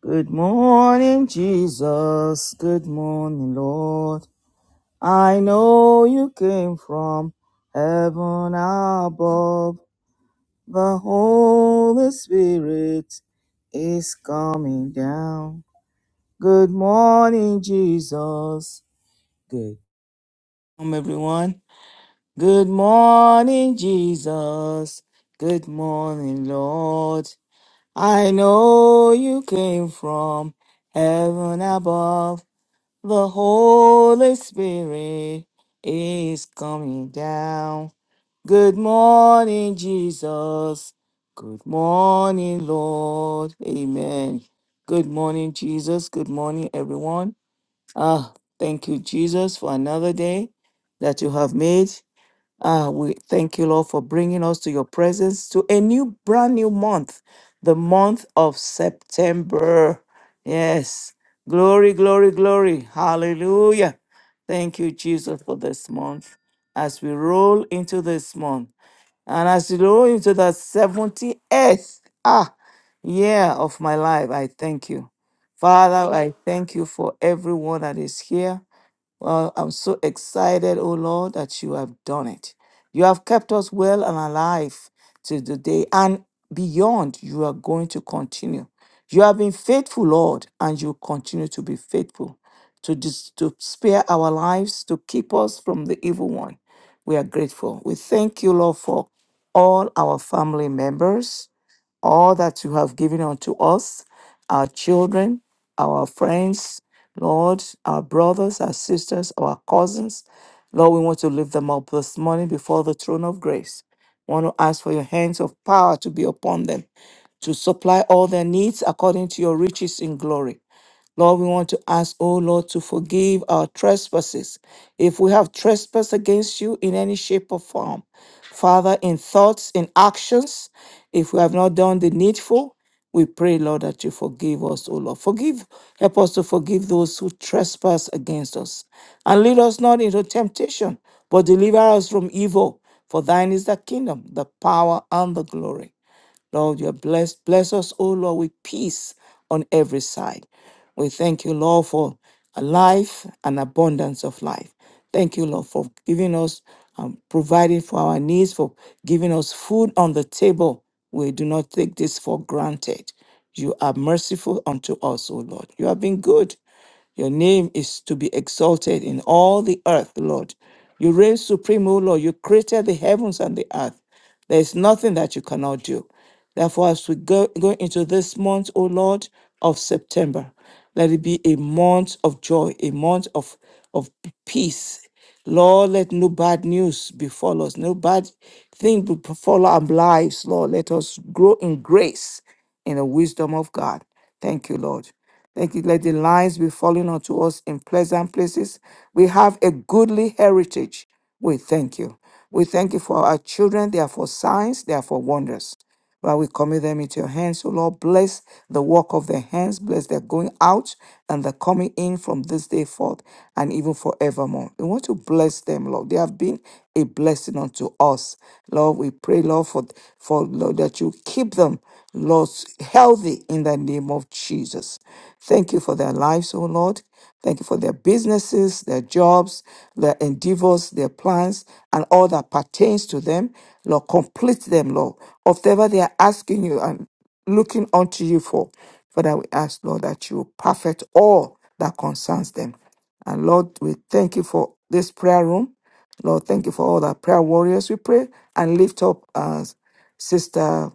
Good morning, Jesus. Good morning, Lord. I know you came from heaven above. The Holy Spirit is coming down. Good morning, Jesus. Good morning, everyone. Good morning, Jesus. Good morning, Lord. I know you came from heaven above. The Holy Spirit is coming down. Good morning, Jesus. Good morning, Lord. Amen. Good morning, Jesus. Good morning, everyone. Ah, thank you, Jesus, for another day that you have made. Ah, we thank you, Lord, for bringing us to your presence to a new, brand new month, the month of September. Yes. Glory, glory, glory. Hallelujah. Thank you, Jesus, for this month. As we roll into this month and as we roll into the 78th ah, year of my life, I thank you. Father, I thank you for everyone that is here. Well, I'm so excited, O Lord, that you have done it. You have kept us well and alive to the day and beyond. You are going to continue. You have been faithful, Lord, and you continue to be faithful to, dis- to spare our lives, to keep us from the evil one. We are grateful. We thank you, Lord, for all our family members all that you have given unto us, our children, our friends, Lord, our brothers, our sisters, our cousins. Lord, we want to lift them up this morning before the throne of grace. We want to ask for your hands of power to be upon them, to supply all their needs according to your riches in glory. Lord, we want to ask, oh Lord, to forgive our trespasses. If we have trespassed against you in any shape or form, Father, in thoughts, in actions, if we have not done the needful, we pray, Lord, that you forgive us, O Lord. Forgive, help us to forgive those who trespass against us. And lead us not into temptation, but deliver us from evil. For thine is the kingdom, the power, and the glory. Lord, you are blessed. bless us, O Lord, with peace on every side. We thank you, Lord, for a life and abundance of life. Thank you, Lord, for giving us, um, providing for our needs, for giving us food on the table. We do not take this for granted. You are merciful unto us, O Lord. You have been good. Your name is to be exalted in all the earth, Lord. You reign supreme, O Lord. You created the heavens and the earth. There is nothing that you cannot do. Therefore, as we go, go into this month, O Lord, of September, let it be a month of joy, a month of, of peace, Lord, let no bad news befall us, no bad thing befall our lives, Lord. Let us grow in grace, in the wisdom of God. Thank you, Lord. Thank you. Let the lines be falling unto us in pleasant places. We have a goodly heritage. We thank you. We thank you for our children. They are for signs, they are for wonders. Lord, we commit them into your hands. O Lord, bless the work of their hands, bless their going out and their coming in from this day forth and even forevermore. We want to bless them, Lord. They have been a blessing unto us. Lord, we pray, Lord, for, for Lord, that you keep them, Lord, healthy in the name of Jesus. Thank you for their lives, O Lord. Thank you for their businesses, their jobs, their endeavors, their plans, and all that pertains to them. Lord, complete them, Lord, of whatever they are asking you and looking unto you for. Father, we ask, Lord, that you perfect all that concerns them. And Lord, we thank you for this prayer room. Lord, thank you for all the prayer warriors we pray and lift up us. Sister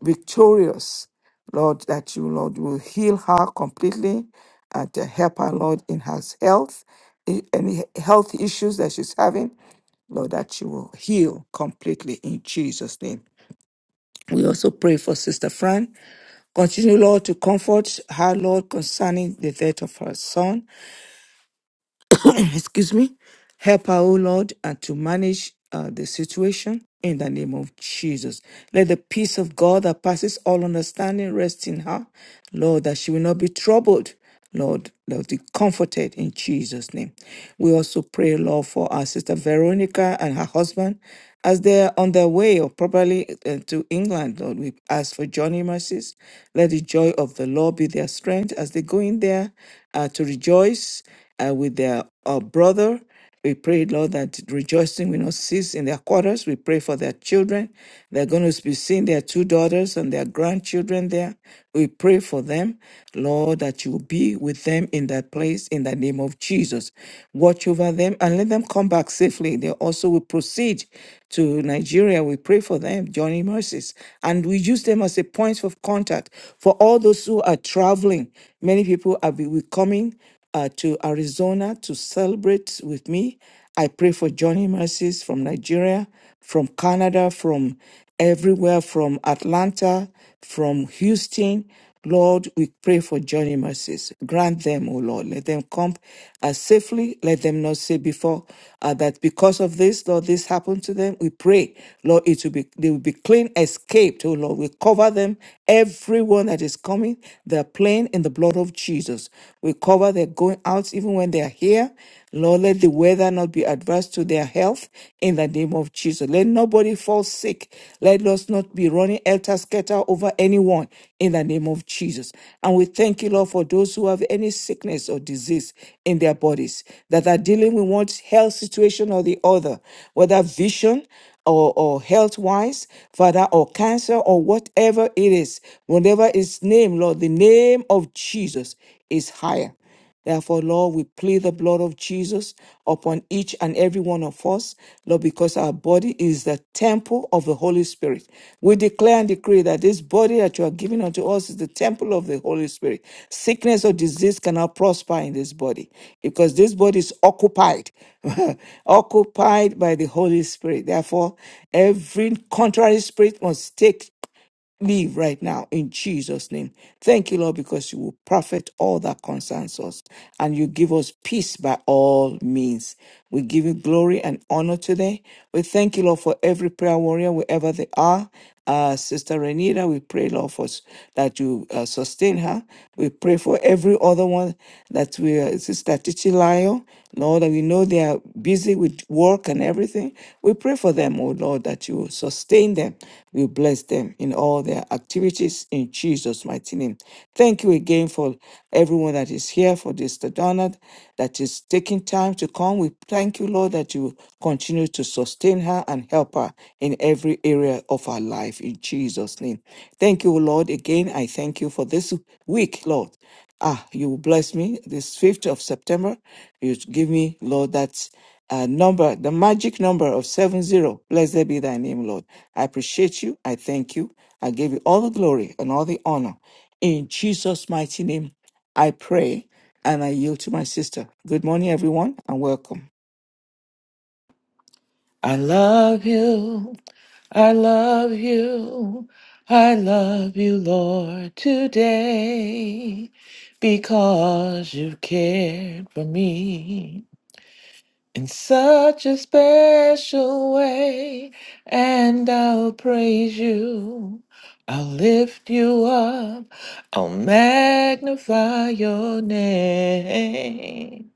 Victorious, Lord, that you, Lord, will heal her completely and to help her, Lord, in her health, i- any health issues that she's having. Lord, that you will heal completely in Jesus' name. We also pray for Sister Fran. Continue, Lord, to comfort her, Lord, concerning the death of her son. excuse me, help her, O Lord, and to manage uh, the situation in the name of Jesus. Let the peace of God that passes all understanding rest in her, Lord, that she will not be troubled. Lord, let be comforted in Jesus' name. We also pray, Lord, for our sister Veronica and her husband as they're on their way or probably uh, to England. Lord, we ask for journey mercies. Let the joy of the Lord be their strength as they go in there uh, to rejoice uh, with their uh, brother. We pray, Lord, that rejoicing will not cease in their quarters. We pray for their children. They're going to be seeing their two daughters and their grandchildren there. We pray for them, Lord, that you will be with them in that place in the name of Jesus. Watch over them and let them come back safely. They also will proceed to Nigeria. We pray for them, Johnny Mercies. And we use them as a point of contact for all those who are traveling. Many people are be- will coming uh, to Arizona to celebrate with me. I pray for Johnny Mercies from Nigeria, from Canada, from everywhere, from Atlanta, from Houston. Lord, we pray for Johnny Mercies. Grant them, O Lord. Let them come uh, safely. Let them not say before uh, that because of this, Lord, this happened to them. We pray, Lord, it will be they will be clean, escaped, O Lord. We cover them, everyone that is coming, their plane in the the blood of Jesus. We cover their going out even when they are here. Lord, let the weather not be adverse to their health in the name of Jesus. Let nobody fall sick. Let us not be running elter skelter over anyone in the name of Jesus. And we thank you, Lord, for those who have any sickness or disease in their bodies that are dealing with one health situation or the other, whether vision, or, or health wise, Father, or cancer, or whatever it is, whatever remember his name, Lord. The name of Jesus is higher. Therefore, Lord, we plead the blood of Jesus upon each and every one of us, Lord, because our body is the temple of the Holy Spirit. We declare and decree that this body that you are giving unto us is the temple of the Holy Spirit. Sickness or disease cannot prosper in this body because this body is occupied, occupied by the Holy Spirit. Therefore, every contrary spirit must take leave right now in Jesus' name. Thank you, Lord, because you will profit all that concerns us and you give us peace by all means. We give you glory and honor today. We thank you, Lord, for every prayer warrior, wherever they are. Uh, Sister Renita, we pray, Lord, for s- that you uh, sustain her. We pray for every other one that we, uh, Sister Titilayo, Lord, Lord, and we know they are busy with work and everything. We pray for them, oh Lord, that you will sustain them. We bless them in all their activities in Jesus' mighty name. Thank you again for everyone that is here for this Donald that is taking time to come. We thank you, Lord, that you continue to sustain her and help her in every area of her life in Jesus' name. Thank you, Lord. Again, I thank you for this week, Lord ah, you will bless me this 5th of September. You give me, Lord, that uh, number, the magic number of 70. Blessed be thy name, Lord. I appreciate you. I thank you. I give you all the glory and all the honor. In Jesus' mighty name, I pray and I yield to my sister. Good morning, everyone, and welcome. I love you. I love you. I love you, Lord, today because you cared for me in such a special way. And I'll praise you. I'll lift you up. I'll magnify your name.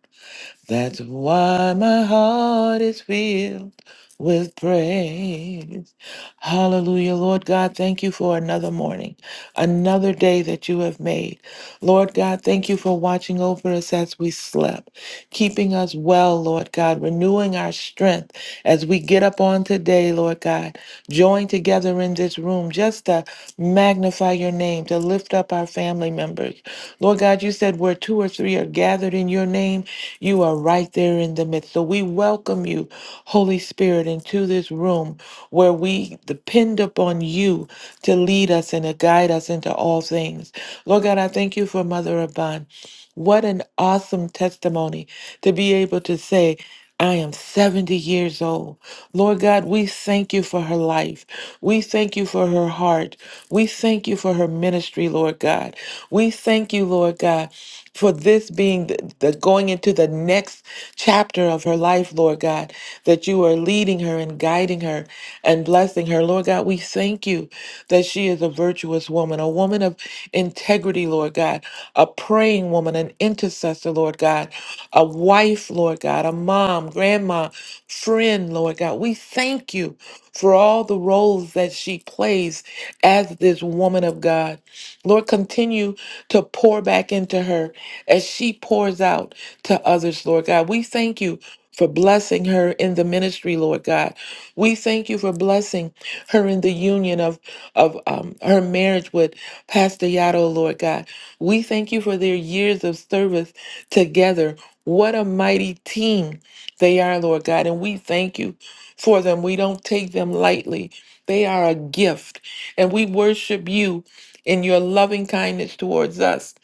That's why my heart is filled with praise. Hallelujah. Lord God, thank you for another morning, another day that you have made. Lord God, thank you for watching over us as we slept, keeping us well, Lord God, renewing our strength as we get up on today, Lord God, join together in this room just to magnify your name, to lift up our family members. Lord God, you said where two or three are gathered in your name, you are right there in the midst. So we welcome you, Holy Spirit, into this room where we depend upon you to lead us and to guide us into all things. Lord God, I thank you for Mother Abban. What an awesome testimony to be able to say. I am 70 years old. Lord God, we thank you for her life. We thank you for her heart. We thank you for her ministry, Lord God. We thank you, Lord God, for this being the, the going into the next chapter of her life, Lord God, that you are leading her and guiding her and blessing blessing her. Lord God, we thank you that she is a virtuous woman, a woman of integrity, Lord God, a praying woman, an intercessor, Lord God, a wife, Lord God, a mom, grandma, friend, Lord God. We thank you for all the roles that she plays as this woman of God. Lord, continue to pour back into her as she pours out to others, Lord God. We thank you for blessing her in the ministry, Lord God. We thank you for blessing her in the union of, of um, her marriage with Pastor Yato, Lord God. We thank you for their years of service together. What a mighty team they are, Lord God. And we thank you for them. We don't take them lightly. They are a gift. And we worship you in your loving kindness towards us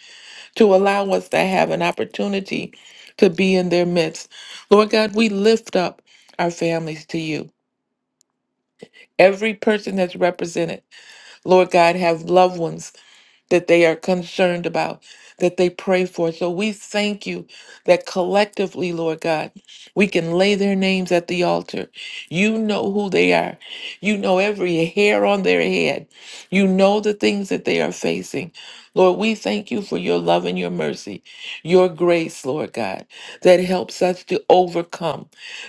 to allow us to have an opportunity to be in their midst. Lord God, we lift up our families to you. Every person that's represented, Lord God, have loved ones that they are concerned about, that they pray for. So we thank you that collectively, Lord God, we can lay their names at the altar. You know who they are. You know every hair on their head. You know the things that they are facing. Lord, we thank you for your love and your mercy, your grace, Lord God, that helps us to overcome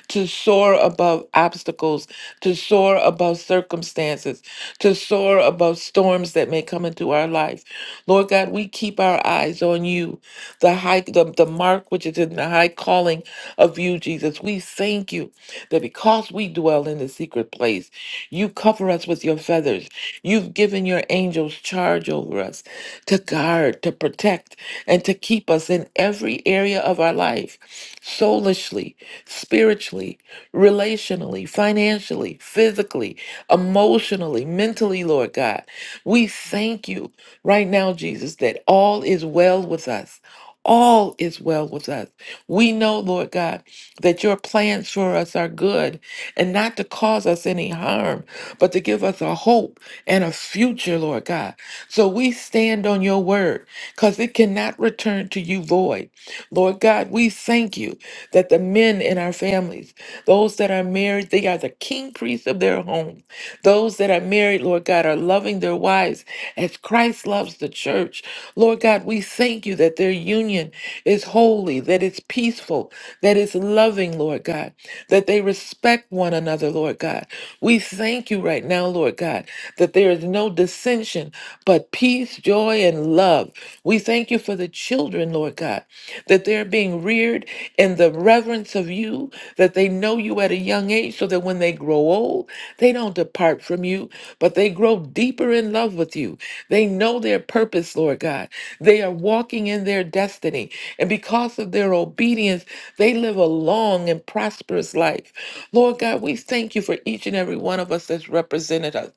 to soar above obstacles, to soar above circumstances, to soar above storms that may come into our life. Lord God, we keep our eyes on you, the high the, the mark which is in the high calling of you, Jesus. We thank you that because we dwell in the secret place, you cover us with your feathers. You've given your angels charge over us to guard, to protect, and to keep us in every area of our life soulishly, spiritually, relationally, financially, physically, emotionally, mentally, Lord God. We thank you right now, Jesus, that all is well with us. All is well with us. We know, Lord God that your plans for us are good and not to cause us any harm, but to give us a hope and a future, Lord God. So we stand on your word because it cannot return to you void. Lord God, we thank you that the men in our families, those that are married, they are the king priests of their home. Those that are married, Lord God, are loving their wives as Christ loves the church. Lord God, we thank you that their union is holy, that it's peaceful, that it's loving, Lord God, that they respect one another, Lord God. We thank you right now, Lord God, that there is no dissension, but peace, joy, and love. We thank you for the children, Lord God that they're being reared in the reverence of you, that they know you at a young age, so that when they grow old, they don't depart from you, but they grow deeper in love with you. They know their purpose, Lord God. They are walking in their destiny. And because of their obedience, they live a long and prosperous life. Lord God, we thank you for each and every one of us that's represented us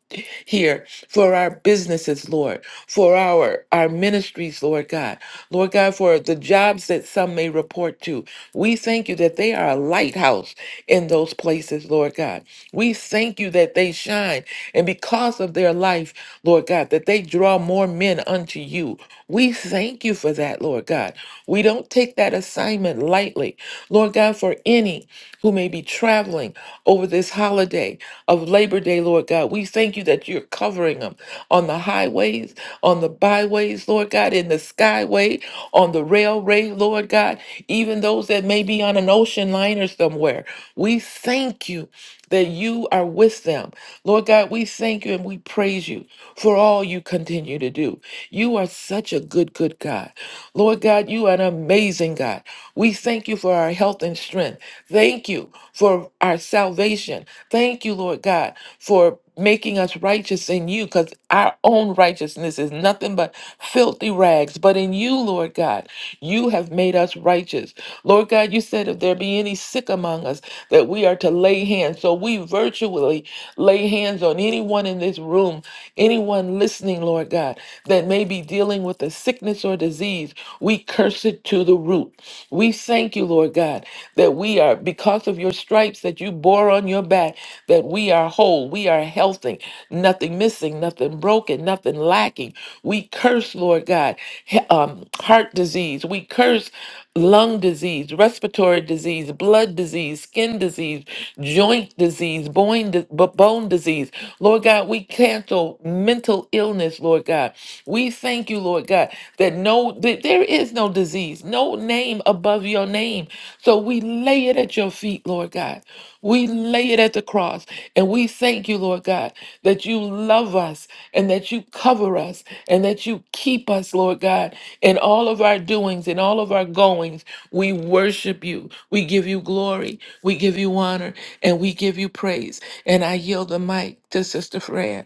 here for our businesses, Lord, for our, our ministries, Lord God. Lord God, for the jobs that some may report to. We thank you that they are a lighthouse in those places, Lord God. We thank you that they shine. And because of their life, Lord God, that they draw more men unto you. We thank you for that, Lord God. We don't take that assignment lightly, Lord God, for any who may be traveling over this holiday of Labor Day, Lord God. We thank you that you're covering them on the highways, on the byways, Lord God, in the skyway, on the railway, Lord God, even those that may be on an ocean liner somewhere. We thank you that you are with them. Lord God, we thank you and we praise you for all you continue to do. You are such a good, good God. Lord God, you are an amazing God. We thank you for our health and strength. Thank you for our salvation. Thank you, Lord God, for making us righteous in you because. Our own righteousness is nothing but filthy rags. But in you, Lord God, you have made us righteous. Lord God, you said if there be any sick among us, that we are to lay hands. So we virtually lay hands on anyone in this room, anyone listening, Lord God, that may be dealing with a sickness or disease. We curse it to the root. We thank you, Lord God, that we are, because of your stripes that you bore on your back, that we are whole, we are healthy, nothing missing, nothing broken, nothing lacking. We curse, Lord God, he- um, heart disease. We curse lung disease, respiratory disease, blood disease, skin disease, joint disease, bone, bone disease. Lord God, we cancel mental illness, Lord God. We thank you, Lord God, that no that there is no disease, no name above your name. So we lay it at your feet, Lord God. We lay it at the cross. And we thank you, Lord God, that you love us and that you cover us and that you keep us, Lord God, in all of our doings and all of our goings. We worship you. We give you glory. We give you honor and we give you praise. And I yield the mic to Sister Fran.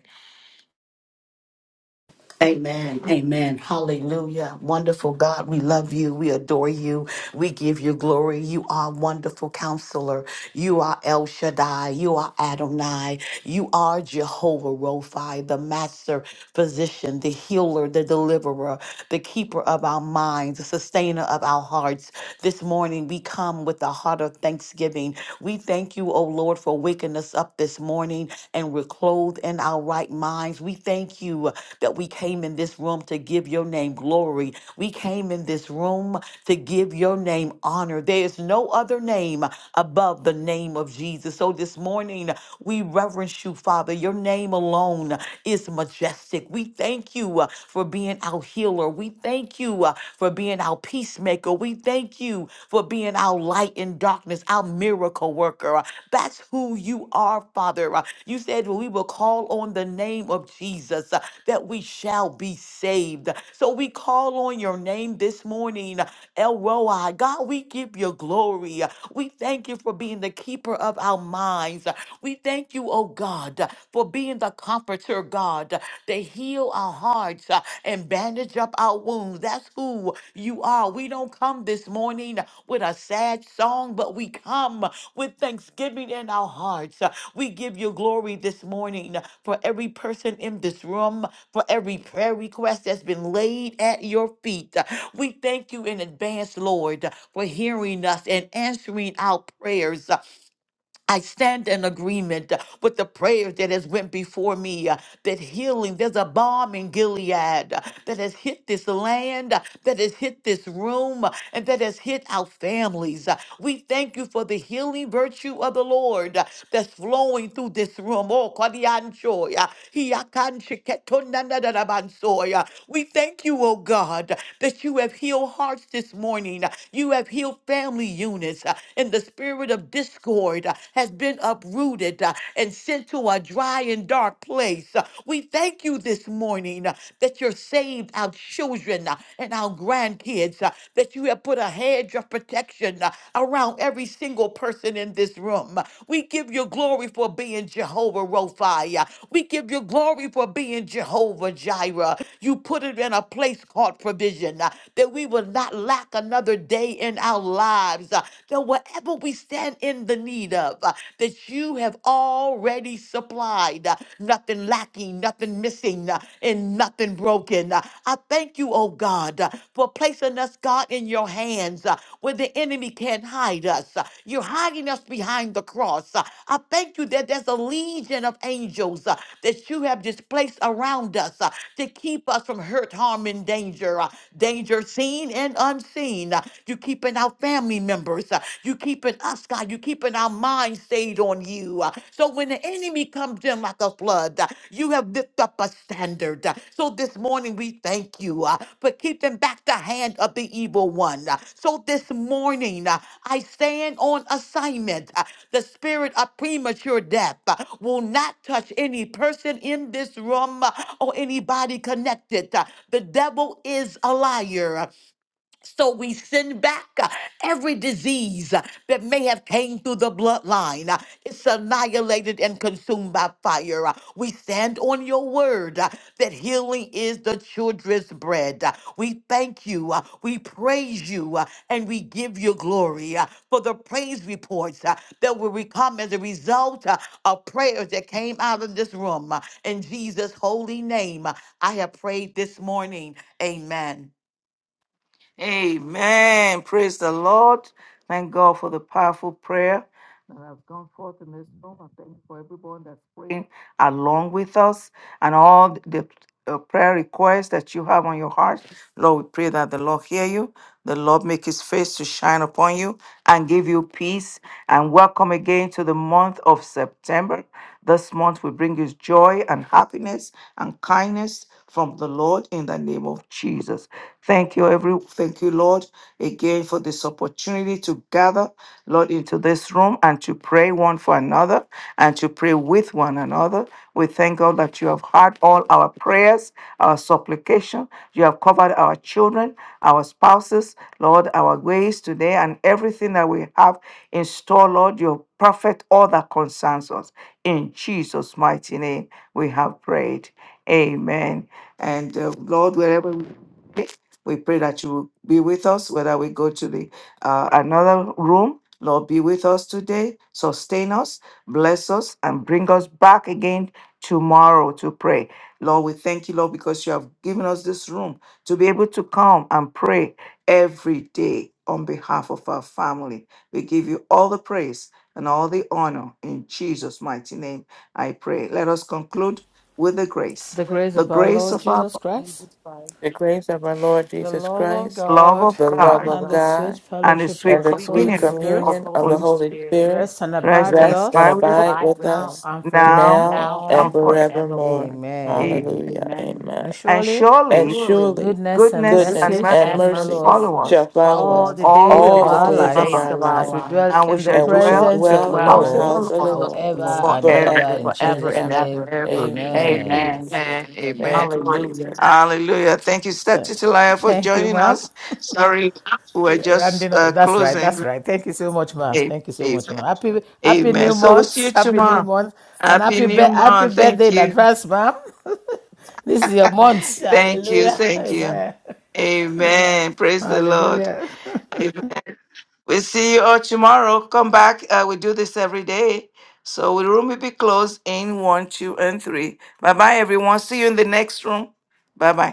Amen. Amen. Hallelujah. Wonderful God. We love you. We adore you. We give you glory. You are wonderful counselor. You are El Shaddai. You are Adonai. You are Jehovah Rophi, the master physician, the healer, the deliverer, the keeper of our minds, the sustainer of our hearts. This morning we come with a heart of thanksgiving. We thank you, O Lord, for waking us up this morning and we're clothed in our right minds. We thank you that we came in this room to give your name glory. We came in this room to give your name honor. There is no other name above the name of Jesus. So this morning, we reverence you, Father. Your name alone is majestic. We thank you uh, for being our healer. We thank you uh, for being our peacemaker. We thank you for being our light in darkness, our miracle worker. Uh, That's who you are, Father. Uh, You said we will call on the name of Jesus uh, that we shall be saved. So we call on your name this morning, El Roi. God, we give you glory. We thank you for being the keeper of our minds minds. We thank you, oh God, for being the comforter, God, to heal our hearts uh, and bandage up our wounds. That's who you are. We don't come this morning with a sad song, but we come with thanksgiving in our hearts. Uh, We give you glory this morning for every person in this room, for every prayer request that's been laid at your feet. Uh, We thank you in advance, Lord, for hearing us and answering our prayers. I stand in agreement uh, with the prayers that has went before me, uh, that healing, there's a bomb in Gilead uh, that has hit this land, uh, that has hit this room, uh, and that has hit our families. Uh, We thank you for the healing virtue of the Lord uh, that's flowing through this room. Oh, Kadianchoy, uh, Hiakansheketonanadadabansoy, uh, We thank you, oh God, that you have healed hearts this morning. uh, You have healed family units uh, in the spirit spirit of discord uh, has been uprooted uh, and sent to a dry and dark place. Uh, We thank you this morning uh, that you're saved our children uh, and our grandkids, uh, that you have put a hedge of protection uh, around every single person in this room. Uh, We give you glory for being Jehovah Rophi. uh, We give you glory for being Jehovah Jireh. You put it in a place called provision uh, that we will not lack another day in our lives lives, uh, that whatever we stand in the need of, uh, that you have already supplied, uh, nothing lacking, nothing missing, uh, and nothing broken. Uh, I thank you, oh God, uh, for placing us, God, in your hands uh, where the enemy can't hide us. Uh, You're hiding us behind the cross. Uh, I thank you that there's a legion of angels uh, that you have displaced around us uh, to keep us from hurt, harm, and danger, uh, danger seen and unseen. You're keeping our family members. uh, You're keeping us, God. You're keeping our mind stayed on you. uh, So when the enemy comes in like a flood, uh, you have lifted up a standard. uh, So this morning we thank you uh, for keeping back the hand of the evil one. uh, So this morning uh, I stand on assignment. uh, The spirit of premature death uh, will not touch any person in this room uh, or anybody connected. uh, The devil is a liar. So we send back uh, every disease uh, that may have came through the bloodline. Uh, It's annihilated and consumed by fire. Uh, We stand on your word uh, that healing is the children's bread. Uh, We thank you. uh, We praise you. uh, And we give you glory uh, for the praise reports uh, that will re- come as a result uh, of prayers that came out of this room. Uh, In Jesus' holy name, uh, I have prayed this morning. Amen. Amen. Praise the Lord. Thank God for the powerful prayer that has gone forth in this room. I thank you for everyone that's praying along with us and all the uh, prayer requests that you have on your heart. Lord, we pray that the Lord hear you. The Lord make his face to shine upon you and give you peace. And welcome again to the month of September. This month will bring you joy and happiness and kindness from the Lord in the name of Jesus. Thank you, every thank you, Lord, again for this opportunity to gather, Lord, into this room and to pray one for another and to pray with one another. We thank God that you have heard all our prayers, our supplication. You have covered our children, our spouses, Lord, our ways today, and everything that we have in store, Lord. You have perfect all that concerns us. In Jesus' mighty name, we have prayed. Amen. And uh, Lord, wherever we be, we pray that you will be with us, whether we go to the uh, another room. Lord, be with us today, sustain us, bless us, and bring us back again tomorrow to pray. Lord, we thank you, Lord, because you have given us this room to be able to come and pray every day on behalf of our family. We give you all the praise and all the honor in Jesus' mighty name. I pray. Let us conclude with the grace, The grace grace the of and the our grace Lord of our Jesus Christ, Jesus Christ, The grace of our Lord the Jesus love of Christ, love God, of the love love God of of and the God, sweet God, and the fellowship sweet and of the the free Holy sweet communion communion of of the Spirit communion the of Holy the Holy Holy Spirit Spirit, Spirit rest and abide rest with and rest and abide rest us and with us abide abide with with now us us and now now now and forevermore. and and forever. forevermore. forevermore. Amen. Amen. Hallelujah. Amen. Amen. And And surely And surely Surely surely goodness and goodness and goodness mercy goodness mercy and shall and mercy follow mercy us follow shall us follow follow all us the us all days the of all the days our of all the days our of days lives our of lives, our as life, we dwell lives, and we in the shall and we shall dwell and presence in to the of the dwell in the house dwell of the Lord house in of the Lord the house Lord of the forever Lord and forever. ever. forever In forever and Jesus' and ever. name, ever. Ever. Amen. amen. Amen. Amen. Thank Amen. you, Jesus. Hallelujah. Hallelujah. Thank you, Sister Titilia, for Thank you, joining ma'am. us. Sorry, we're Yeah, rounding just uh, That's right. closing. That's right. Thank you so much, ma. Amen. Thank you so much, ma. Happy, happy Amen. new So we'll see you month. Happy new tomorrow. month, and Happy happy, be- New happy Month. Thank birthday in you. advance, ma'am. this is your month. Thank you. Hallelujah. Thank you. Amen. Amen. Amen. Praise the Lord. Hallelujah. Amen. We'll see you all tomorrow. Come back. Uh, we do this every day. So the room will be closed in one, two, and three. Bye bye, everyone. See you in the next room. Bye bye.